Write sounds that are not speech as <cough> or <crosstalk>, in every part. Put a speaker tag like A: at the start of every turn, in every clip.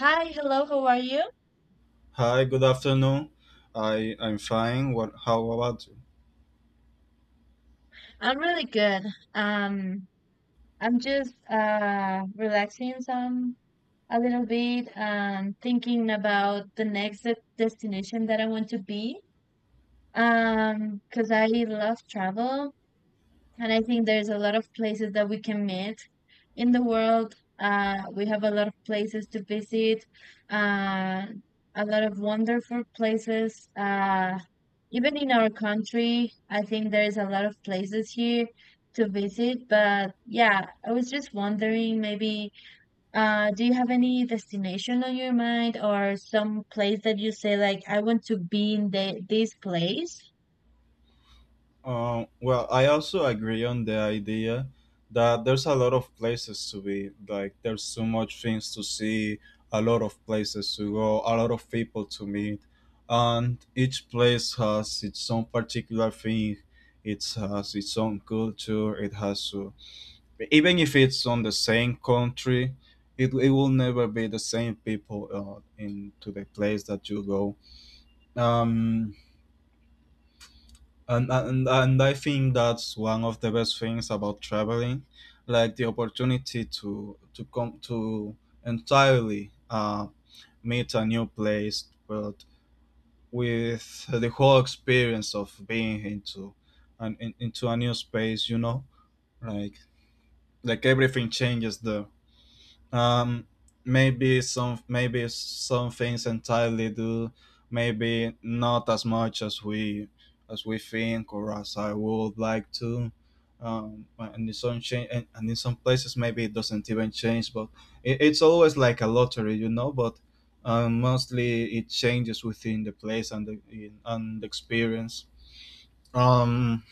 A: Hi, hello, how are you?
B: Hi, good afternoon. I'm fine. What? How about you?
A: I'm really good. Um, I'm just relaxing some a little bit and thinking about the next destination that I want to be. Because I love travel. And I think there's a lot of places that we can meet in the world. We have a lot of places to visit, uh, a lot of wonderful places. Even in our country, I think there's a lot of places here to visit. But yeah, I was just wondering maybe do you have any destination on your mind or some place that you say, like, I want to be in this place?
B: Well, I also agree on the idea that there's a lot of places to be. Like there's so much things to see, a lot of places to go, a lot of people to meet, and each place has its own particular thing. It has its own culture. It has to, even if it's on the same country, it will never be the same people into the place that you go. Um and, and and i think that's one of the best things about traveling, like the opportunity to come to entirely meet a new place, but with the whole experience of being into and into a new space. like like everything changes there. um maybe some things entirely do, maybe not as much as we think, or as I would like to. And in some places maybe it doesn't even change, but it's always like a lottery, but mostly it changes within the place and the experience. um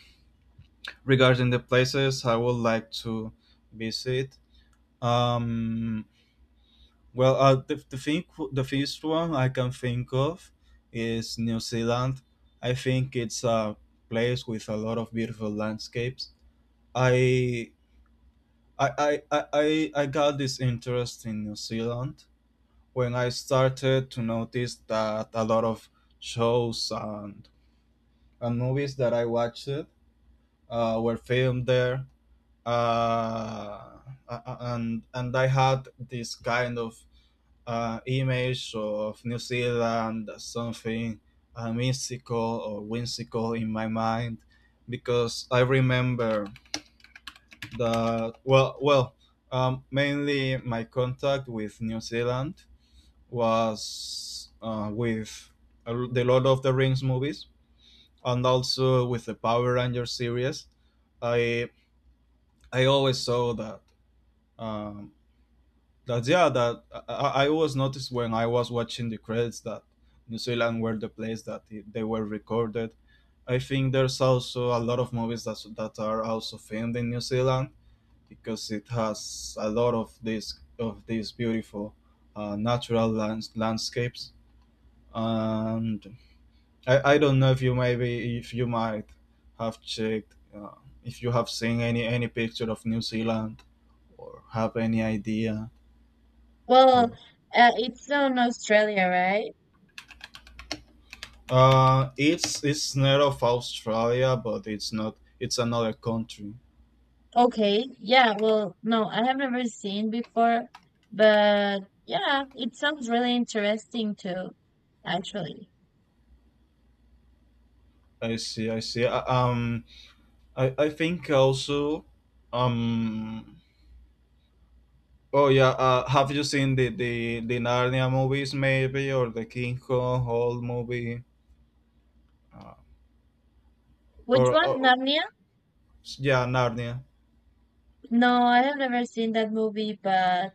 B: Regarding the places I would like to visit, um the thing, the first one I can think of is New Zealand. I think it's a place with a lot of beautiful landscapes. I I got this interest in New Zealand when I started to notice that a lot of shows and movies that I watched were filmed there. Uh, and I had this kind of image of New Zealand as something mystical or whimsical in my mind, because I remember that mainly my contact with New Zealand was with the Lord of the Rings movies, and also with the Power Rangers series. I I always saw that um, That's yeah. that I always noticed when I was watching the credits that New Zealand were the place that they were recorded. I think there's also a lot of movies that are also filmed in New Zealand, because it has a lot of these beautiful natural landscapes. And I don't know if you maybe if you might have checked, if you have seen any picture of New Zealand or have any idea
A: Well,
B: or
A: it's on Australia, right?
B: It's not of Australia, but it's not. It's another country.
A: Okay, yeah, well, no, I have never seen before, but yeah, it sounds really interesting too, actually.
B: I see. I see. I think also, um. Oh yeah. Have you seen the Narnia movies maybe, or the King Kong whole movie? Uh,
A: Which
B: or
A: one? Narnia?
B: Yeah, Narnia.
A: No, I have never seen that movie, but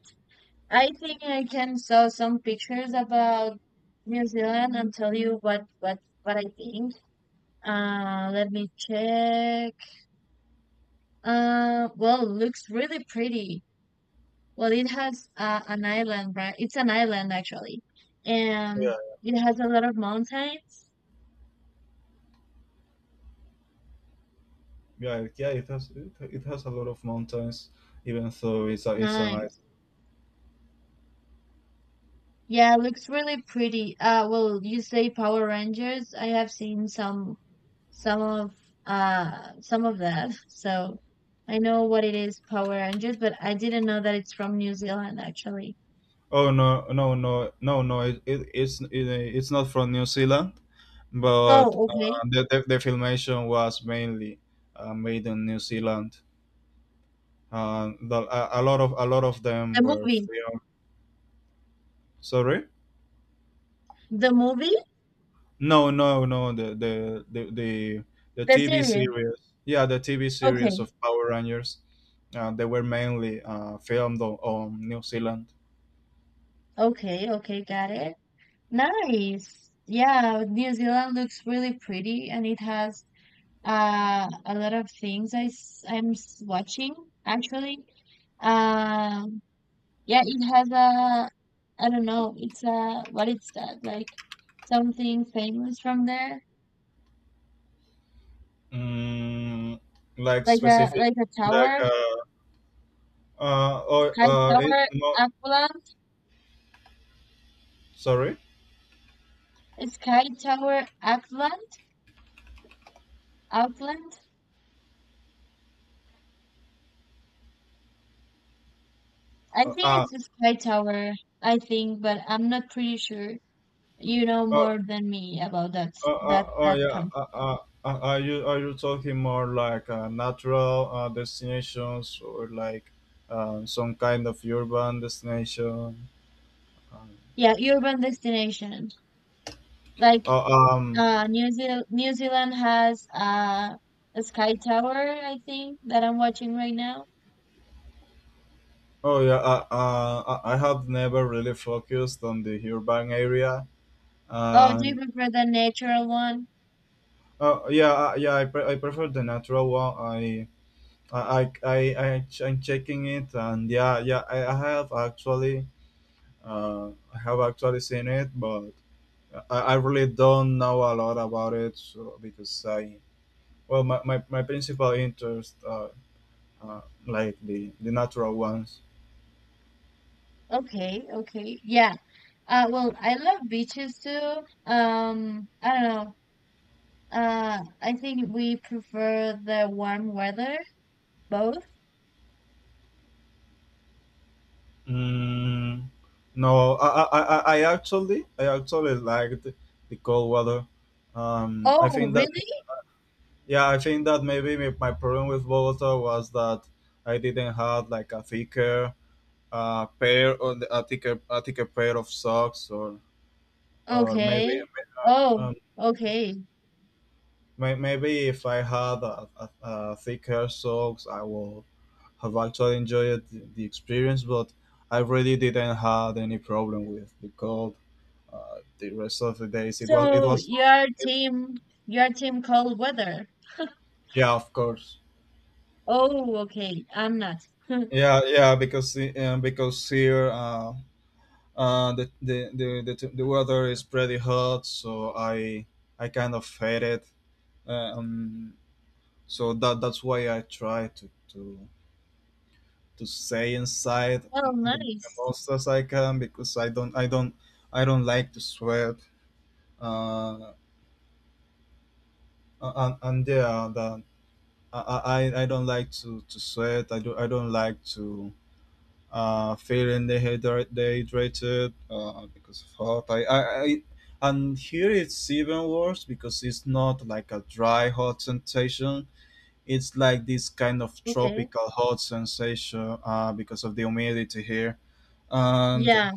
A: I think I can saw some pictures about New Zealand and tell you what I think. Let me check. Well, looks really pretty. Well, it has an island, right? It's an island actually,
B: Yeah,
A: and it has a lot of mountains.
B: yeah, yeah. It has a lot of mountains, even though it's an island.
A: Nice. Yeah, it looks really pretty. Well, you say Power Rangers. I have seen some of some of that, <laughs> so I know what it is, Power Rangers, but I didn't know that it's from New Zealand actually.
B: Oh no, no, no, no, no. It's not from New Zealand, but
A: Oh,
B: uh,
A: okay.
B: the, the, the filmation was mainly made in New Zealand. A lot of them
A: The
B: were
A: movie,
B: filmed. Sorry,
A: the movie,
B: no, no, no. The
A: the
B: TV
A: series.
B: series, yeah, the TV series
A: Okay,
B: of Power Rangers, they were mainly filmed on New Zealand.
A: okay, okay, got it. Nice. Yeah, New Zealand looks really pretty and it has a lot of things I'm watching actually. Um yeah, it has a I don't know, it's a what is that? Like something famous from there?
B: Mm, like
A: Like a
B: specific,
A: like a
B: like
A: tower, sky tower,
B: no,
A: Auckland,
B: sorry.
A: a sky tower, Auckland. I
B: Uh,
A: think
B: ah,
A: it's a sky tower, I think, but I'm not pretty sure. You know
B: uh,
A: more than me about that that
B: Oh
A: that
B: yeah.
A: country.
B: Are you talking more like natural destinations, or like some kind of urban destination? Um,
A: Yeah, urban destination. Like,
B: oh, um,
A: New Zealand has a sky tower, I think, that I'm watching right now.
B: oh yeah. I have never really focused on the urban area.
A: Oh, do you
B: Um,
A: prefer the natural one?
B: oh yeah, yeah. I prefer the natural one. I'm checking it, and yeah, yeah. I have actually seen it, but. I really don't know a lot about it, so, because I well my principal interests are like the natural ones.
A: Okay, okay. Yeah. Well, I love beaches too. I don't know. I think we prefer the warm weather, both.
B: Mm, no, I actually liked the cold weather. Um, I
A: Oh,
B: think that
A: really?
B: yeah, I think that maybe my problem with Bogota was that I didn't have like a thicker pair, or a thicker pair of socks, or
A: Okay. Oh,
B: uh,
A: okay.
B: Maybe if I had a thicker socks, I will have actually enjoyed the experience. But I really didn't have any problem with the cold. The rest of the days, it was
A: So your team, your team, cold weather.
B: yeah, of course.
A: Oh, okay. I'm not.
B: Yeah, yeah, because here the weather is pretty hot, so I kind of hate it. Um, so that's why I try to stay inside
A: Oh,
B: the
A: nice.
B: most as I can, because I don't like to sweat. Uh, and Yeah, that I don't like to sweat. I don't like to feeling dehydrated, because of hot. I And here it's even worse, because it's not like a dry hot sensation. It's like this kind of
A: Okay.
B: tropical hot sensation, because of the humidity here. And
A: Yeah.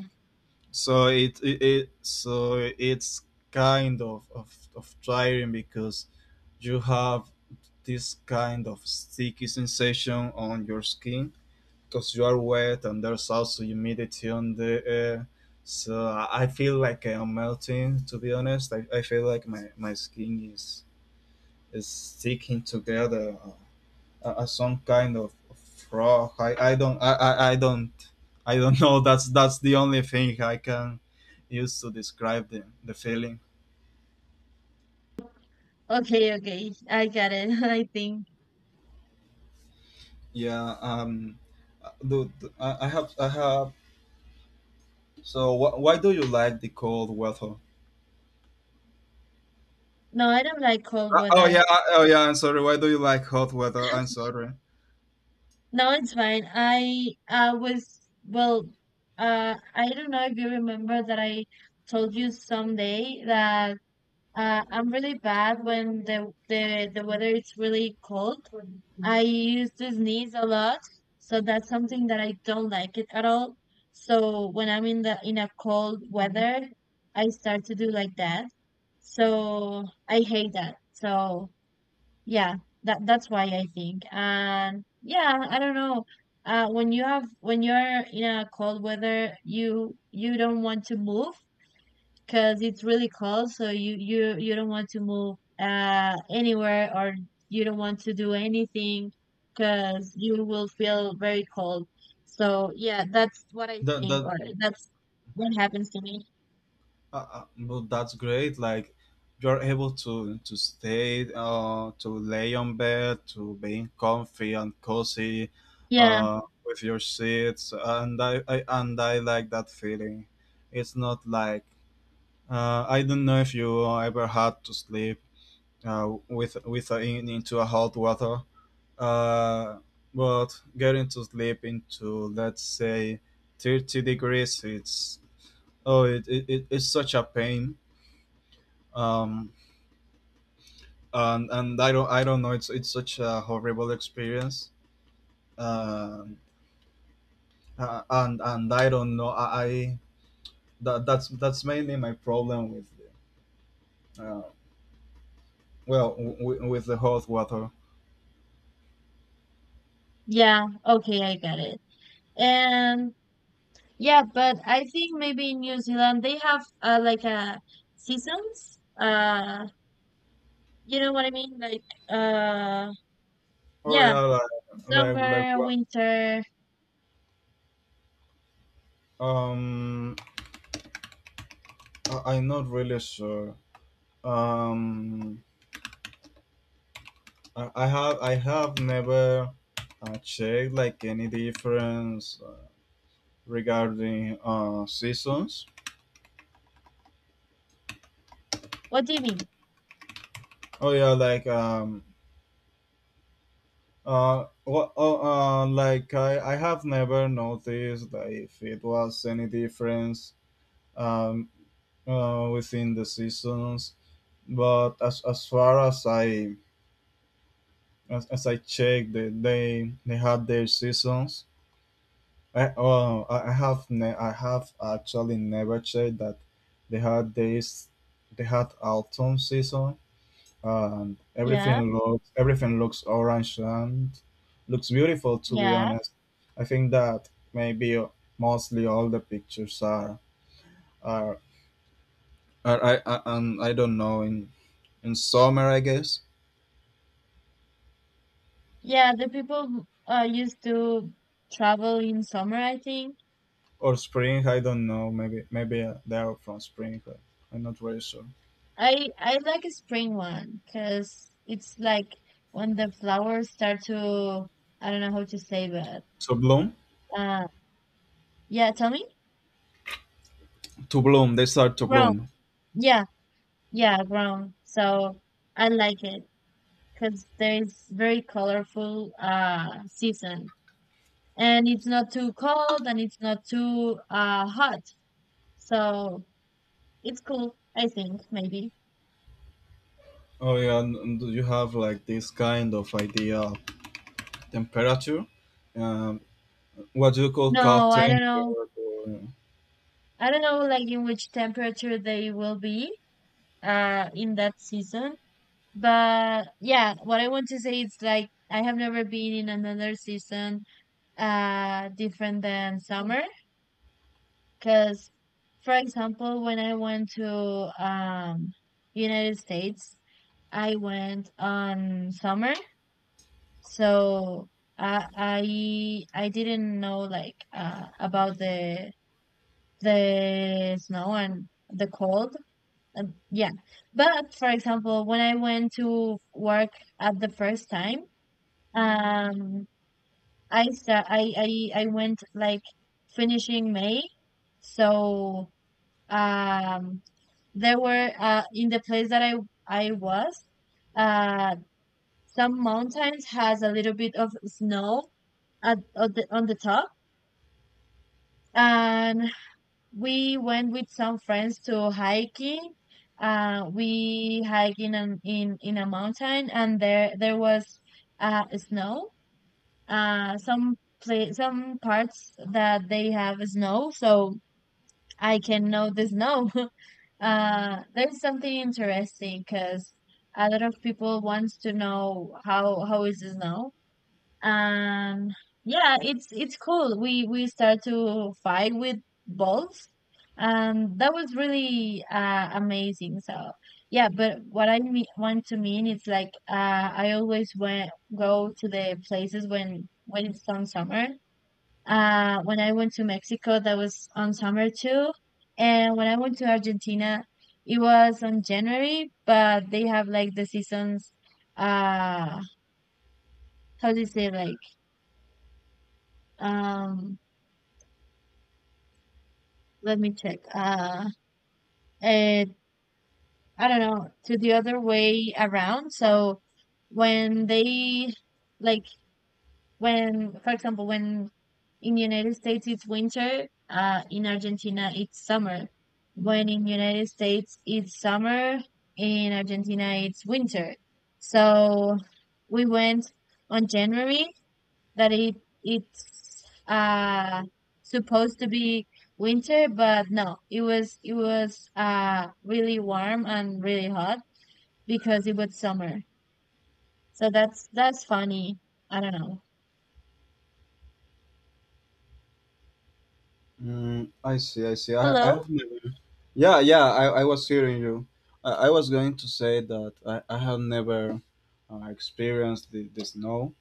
B: So it's kind of tiring, because you have this kind of sticky sensation on your skin, because you are wet and there's also humidity on the air. So I feel like I'm melting. To be honest, I feel like my skin is sticking together, some kind of frog. I don't know. <laughs> That's the only thing I can use to describe the feeling.
A: Okay. Okay. I got it. <laughs> I think.
B: Yeah. Uh, Do, I have. So why do you like the cold weather?
A: No, I don't like cold
B: Oh yeah.
A: weather.
B: Oh yeah. I'm sorry. Why do you like hot weather? I'm sorry.
A: No, it's fine. I was well. I don't know if you remember that I told you someday that I'm really bad when the weather is really cold. I used to sneeze a lot, so that's something that I don't like it at all. So when I'm in the in a cold weather, I start to do like that. So I hate that. So yeah, that's why I think. And yeah, I don't know. When you have when you're in a cold weather, you don't want to move because it's really cold, so you don't want to move anywhere or you don't want to do anything because you will feel very cold. So yeah, that's what I
B: That
A: think,
B: that
A: or that's what happens to me.
B: But that's great. Like you're able to stay, to lay on bed, to being comfy and cozy,
A: Yeah,
B: with your seats, and I like that feeling. It's not like I don't know if you ever had to sleep, into a hot water, uh, but getting to sleep into, let's say, 30 degrees, it's — oh, it's such a pain. Um, and I don't know. It's such a horrible experience. Um and I don't know. That's mainly my problem with the, uh, well w- w- with the hot water.
A: yeah, okay, I got it. And yeah, but I think maybe in New Zealand they have, like, a seasons, you know what I mean? Like, uh
B: Oh
A: yeah,
B: yeah, like like like
A: summer,
B: wha-
A: winter.
B: um, I'm not really sure. Um, I have never checked like any difference regarding seasons.
A: What do you mean?
B: Oh yeah, well, like I have never noticed that if it was any difference, um, within the seasons, but as far as I checked, they had their seasons. I have actually never checked that they had this they had autumn season, and everything
A: Yeah.
B: looks everything looks orange, and looks beautiful, to be
A: Yeah,
B: honest. I think that maybe mostly all the pictures are, are, are I and I don't know, in summer I guess,
A: yeah, the people who, used to travel in summer, I think.
B: or spring, I don't know, maybe they are from spring, but I'm not very sure.
A: I like a spring one because it's like when the flowers start to, I don't know how to say that.
B: So bloom,
A: Uh, yeah, tell me?
B: to bloom, they start to
A: Grown.
B: bloom.
A: Yeah, yeah, grown. So I like it because there's very colorful season, and it's not too cold and it's not too hot. So it's cool, I think, maybe.
B: Oh yeah, and do you have like this kind of idea of temperature, um, what you call cold
A: No, I don't know.
B: temperature?
A: I don't know like in which temperature they will be in that season. But yeah, what I want to say is like I have never been in another season different than summer, because for example when I went to United States, I went on summer, so I didn't know like about the snow and the cold. Yeah. But for example, when I went to work at the first time, um, I start, I went like finishing May. So, um, there were, in the place that I was, uh, some mountains has a little bit of snow on the top. And we went with some friends to hiking. We hiked in an, in a mountain, and there was snow. Uh, some some parts that they have snow, so I can know the snow. <laughs> There's something interesting because a lot of people wants to know how is the snow. And yeah, it's cool, we start to fight with balls, and that was really amazing. So yeah, but want to mean is like, I always went go to the places when it's on summer. When I went to Mexico, that was on summer too, and when I went to Argentina it was on January, but they have like the seasons, uh how do you say, like, um let me check. And I don't know, to the other way around. So when they like when, for example, when in United States it's winter, in Argentina it's summer. When in United States it's summer, in Argentina it's winter. So we went on January that it's supposed to be winter, but no, it was, it was really warm and really hot because it was summer. So that's funny. I don't know.
B: Mm, I see, I see. I
A: Hello?
B: have my... Yeah, yeah, I was hearing you. I was going to say that I have never experienced the snow.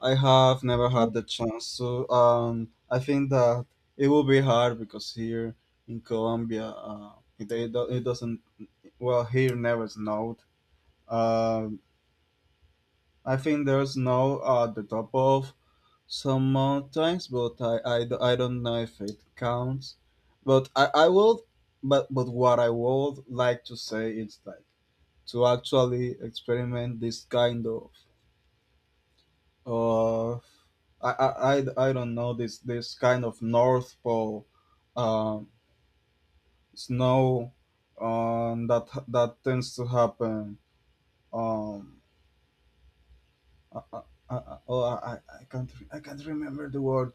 B: I have never
A: Oh,
B: had the chance to. I think that it will be hard because here in Colombia, it doesn't — well, here never snowed. Um I think there's snow at the top of some mountains, but I don't know if it counts. But what I would like to say is like to actually experiment this kind of, I don't know, this kind of North Pole, um, snow, that tends to happen. Um, I, I, I, oh, I, can't, re- I can't remember the word.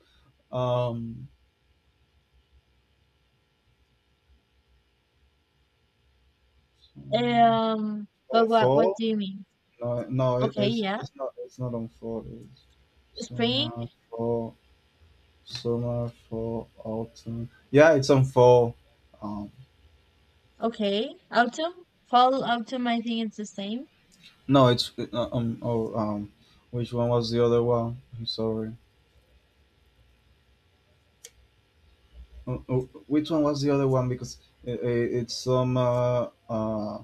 B: Um, On
A: But what
B: four?
A: do you mean?
B: No, no, it,
A: Okay,
B: it's
A: yeah.
B: it's not it's not on four. It's
A: Spring,
B: summer four, summer four, autumn. Yeah, it's on four. Um,
A: okay. Autumn, fall, autumn, I think it's the same.
B: no, it's which one was the other one? I'm sorry. Oh, oh, which one was the other one? Because it's summer,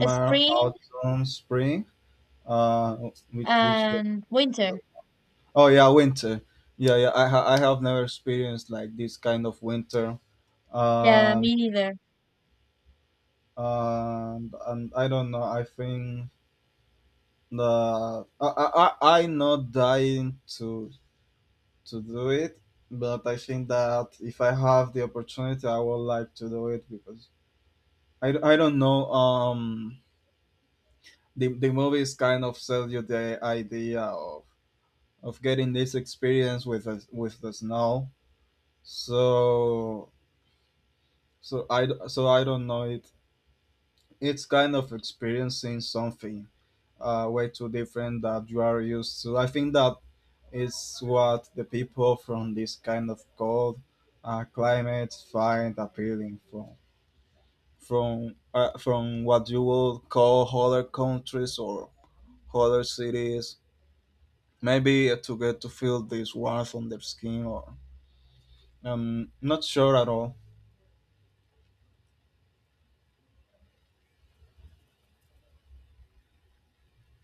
A: Spring
B: autumn, spring. Uh, which one?
A: and winter.
B: Oh yeah, winter. Yeah, yeah. I have never experienced like this kind of winter.
A: Yeah,
B: Um,
A: me neither.
B: and I don't know. I think the I not dying to do it, but I think that if I have the opportunity, I would like to do it because I don't know. The movies kind of sell you the idea of getting this experience with with the snow. So so I don't know it. It's kind of experiencing something way too different that you are used to. I think that is what the people from this kind of cold climate find appealing from from what you would call other countries or other cities. Maybe to get to feel this warmth on their skin, or I'm not sure at all.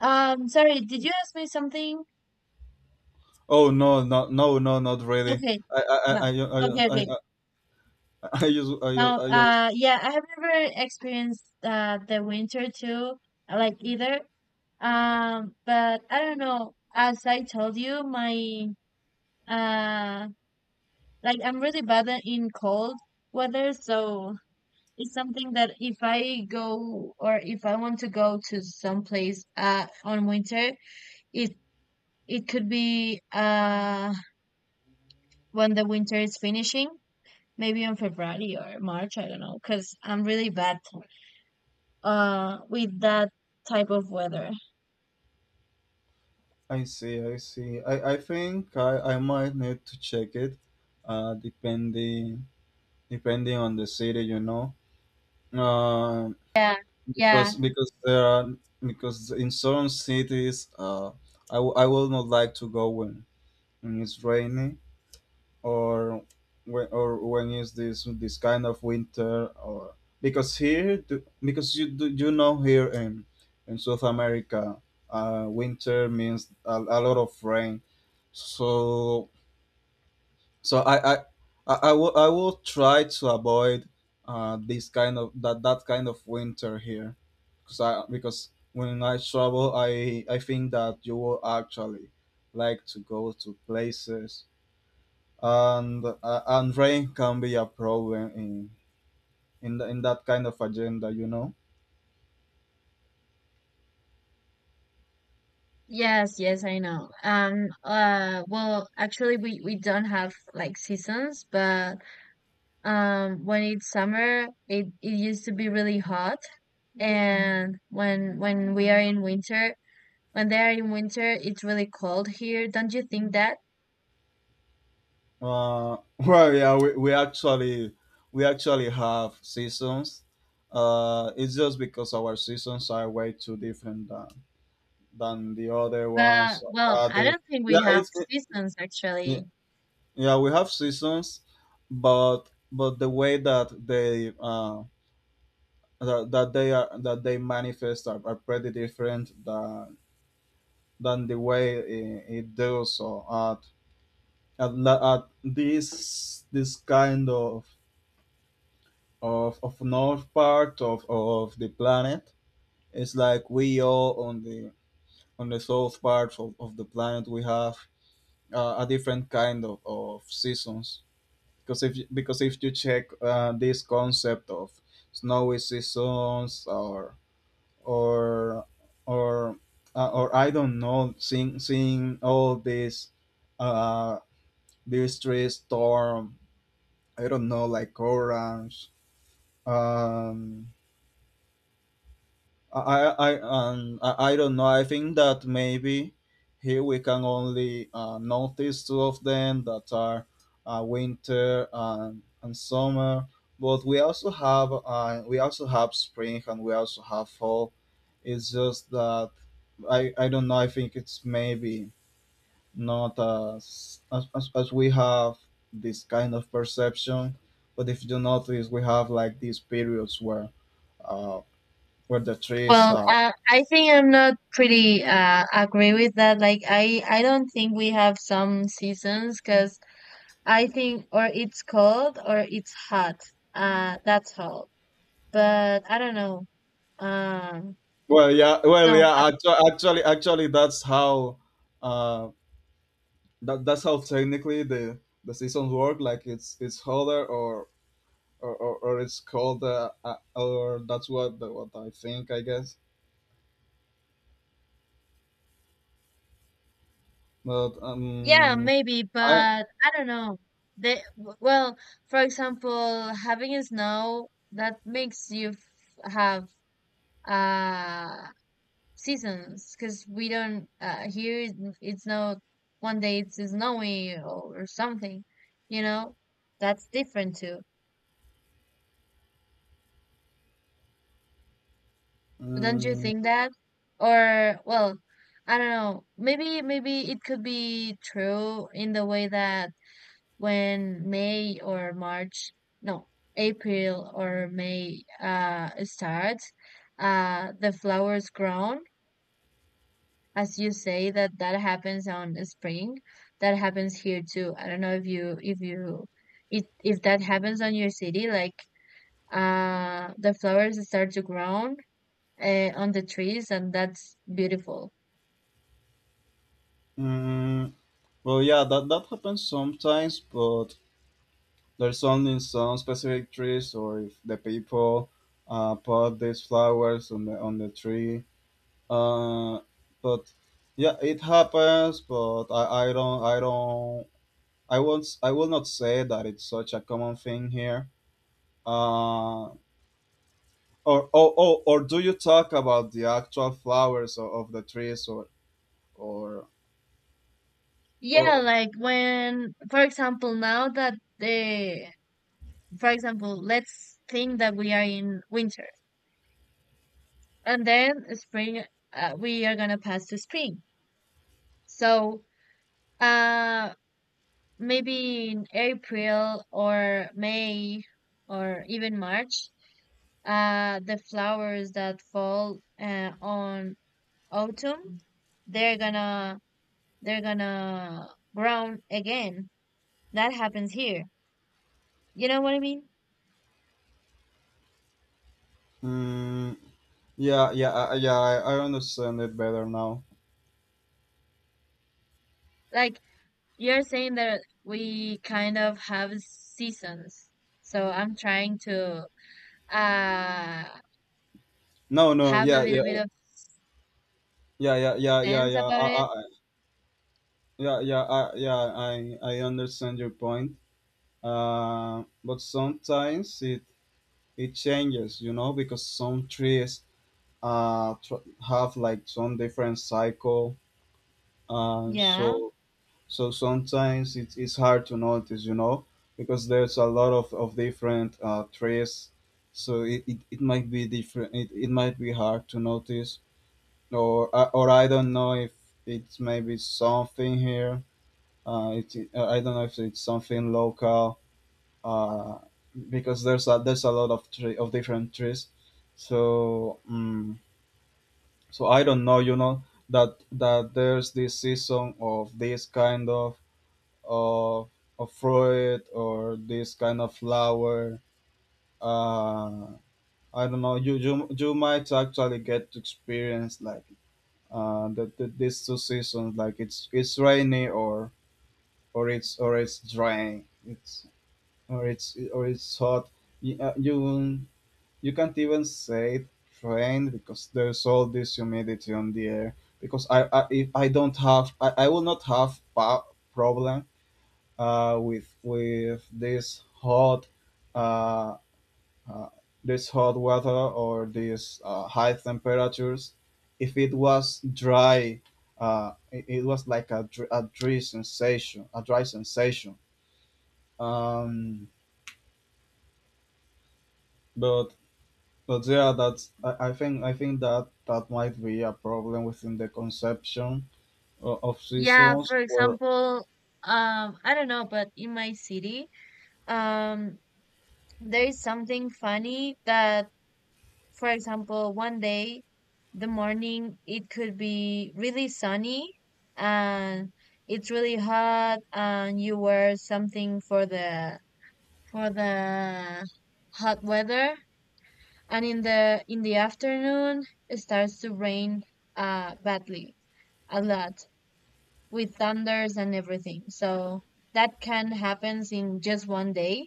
A: Sorry, did you ask me something?
B: Oh no, no, no, no, not really.
A: Okay.
B: I, I,
A: Well,
B: I,
A: okay,
B: I,
A: okay.
B: I, <laughs>
A: Now,
B: I just,
A: yeah, I have never experienced the winter too, like, either. But I don't know. As I told you, my uh, like, I'm really bad in cold weather, so it's something that if I go, or if I want to go to some place on winter, it it could be when the winter is finishing. Maybe in February or March, I don't know, because I'm really bad with that type of weather.
B: I see, I see. I think I might need to check it, depending, depending on the city, you know, uh,
A: Yeah, yeah.
B: because there are because in certain cities, I will not like to go when it's rainy, or or when is this kind of winter, or because here do, because you do, you know, here in South America, winter means a lot of rain. So so I I I I will try to avoid this kind of that kind of winter here, because I because when I travel I think that you will actually like to go to places, and rain can be a problem in in that kind of agenda, you know.
A: Yes, yes, I know. Well, actually, we don't have like seasons, but when it's summer, it used to be really hot, and when we are in winter, when they are in winter, it's really cold here. Don't you think that?
B: uh <laughs> well yeah we actually have seasons. It's just because our seasons are way too different than the other ones.
A: But well, I
B: They
A: don't think we
B: yeah
A: have
B: it's it,
A: seasons
B: yeah
A: actually.
B: yeah, we have seasons, but the way that they are, that they manifest, are pretty different than the way it does so at at this kind of of north part of the planet. It's like we all on the south part of the planet we have a different kind of seasons, because if you check, this concept of snowy seasons or or or or I don't know, seeing all these uh, Beastry, Storm, I don't know, like Orange. Um, I don't know. I think that maybe here we can only notice two of them that are winter and summer. But we also have spring, and we also have fall. It's just that I don't know. I think it's maybe not as we have this kind of perception. But if you notice, we have like these periods uh, where the trees
A: Well,
B: are.
A: I think I'm not pretty agree with that. Like, I don't think we have some seasons, because I think or it's cold or it's hot. That's all. But I don't know. Um,
B: Well, yeah, well,
A: no,
B: yeah. Actually that's how uh, that's how technically the seasons work. Like it's hotter or or it's colder, or that's what the, what I think, I guess. But
A: yeah, maybe,
B: I.
A: but I don't know. Well, for example, having snow that makes you have uh seasons, because we don't, here it's not one day it's snowy or something you know that's different too. Don't you
B: Mm,
A: think that? Or well, I don't know. Maybe it could be true in the way that when May or March, no, April or May starts, the flowers grown, as you say that that happens on spring. That happens here too. I don't know if that happens on your city, like, the flowers start to grow on the trees, and that's beautiful.
B: mm. Well, yeah, that that happens sometimes, but there's only in some specific trees, or if the people put these flowers on the tree. Uh, but yeah, it happens. But I don't I won't s- I will not say that it's such a common thing here. Uh, or oh, oh, or do you talk about the actual flowers of the trees or
A: Yeah,
B: or?
A: like when for example now that the, for example let's think that we are in winter and then spring, we are gonna pass to spring. So, uh maybe in April or May, or even March, the flowers that fall on autumn, they're gonna they're gonna brown again. That happens here. You know what I mean?
B: Mm, yeah, yeah, I- yeah. I understand it better now.
A: Like, you're saying that we kind of have seasons. So I'm trying to uh
B: No, no,
A: have a
B: yeah, yeah,
A: little bit of
B: yeah, yeah, yeah, yeah,
A: sense
B: yeah,
A: about it.
B: yeah, yeah, yeah. I understand your point. But sometimes it changes, you know, because some trees have like some different cycle. Uh,
A: Yeah.
B: so so sometimes it's hard to notice, you know, because there's a lot of different trees. So it might be different. It might be hard to notice, or or I don't know if it's maybe something here. It's I don't know if it's something local. Uh, because there's a lot of tree of different trees, so so I don't know. You know that there's this season of this kind of of fruit or this kind of flower. Uh, I don't know. You might actually get to experience like that these two seasons, like it's rainy, or it's dry, it's hot. You, you can't even say it rain because there's all this humidity on the air, because if I don't have I will not have pa- problem with uh, uh, this hot weather, or these high temperatures. If it was dry, it was like a dry sensation, a dry sensation. Um, but but yeah, that's I think that that might be a problem within the conception of
A: Yeah,
B: seasons.
A: for
B: Or
A: example, I don't know, but in my city, um, there is something funny that, for example, one day, the morning, it could be really sunny and it's really hot, and you wear something for the, for the hot weather, and in the afternoon, it starts to rain badly, a lot, with thunders and everything. So that can happens in just one day.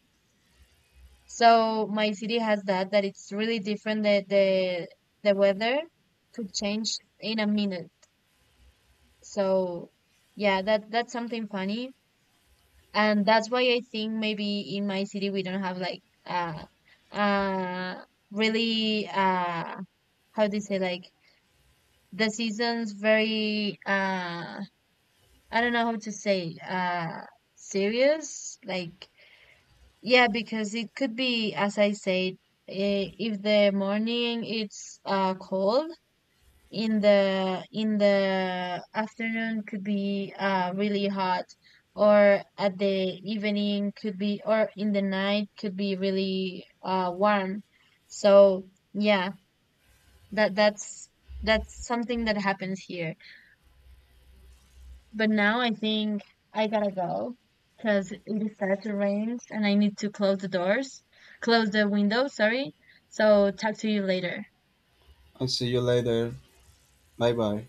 A: So my city has that it's really different, that the weather could change in a minute. So yeah, that's something funny. And that's why I think maybe in my city we don't have like uh uh really how do you say, like, the seasons very, I don't know how to say, serious, like. Yeah, because it could be, as I said, if the morning it's cold, in the, in the afternoon could be really hot, or at the evening could be, or in the night could be really warm. So yeah, that that's that's something that happens here. But now I think I gotta go because it is starts to rain and I need to close the doors, close the window, sorry. So talk to you later.
B: I see you later. Bye bye.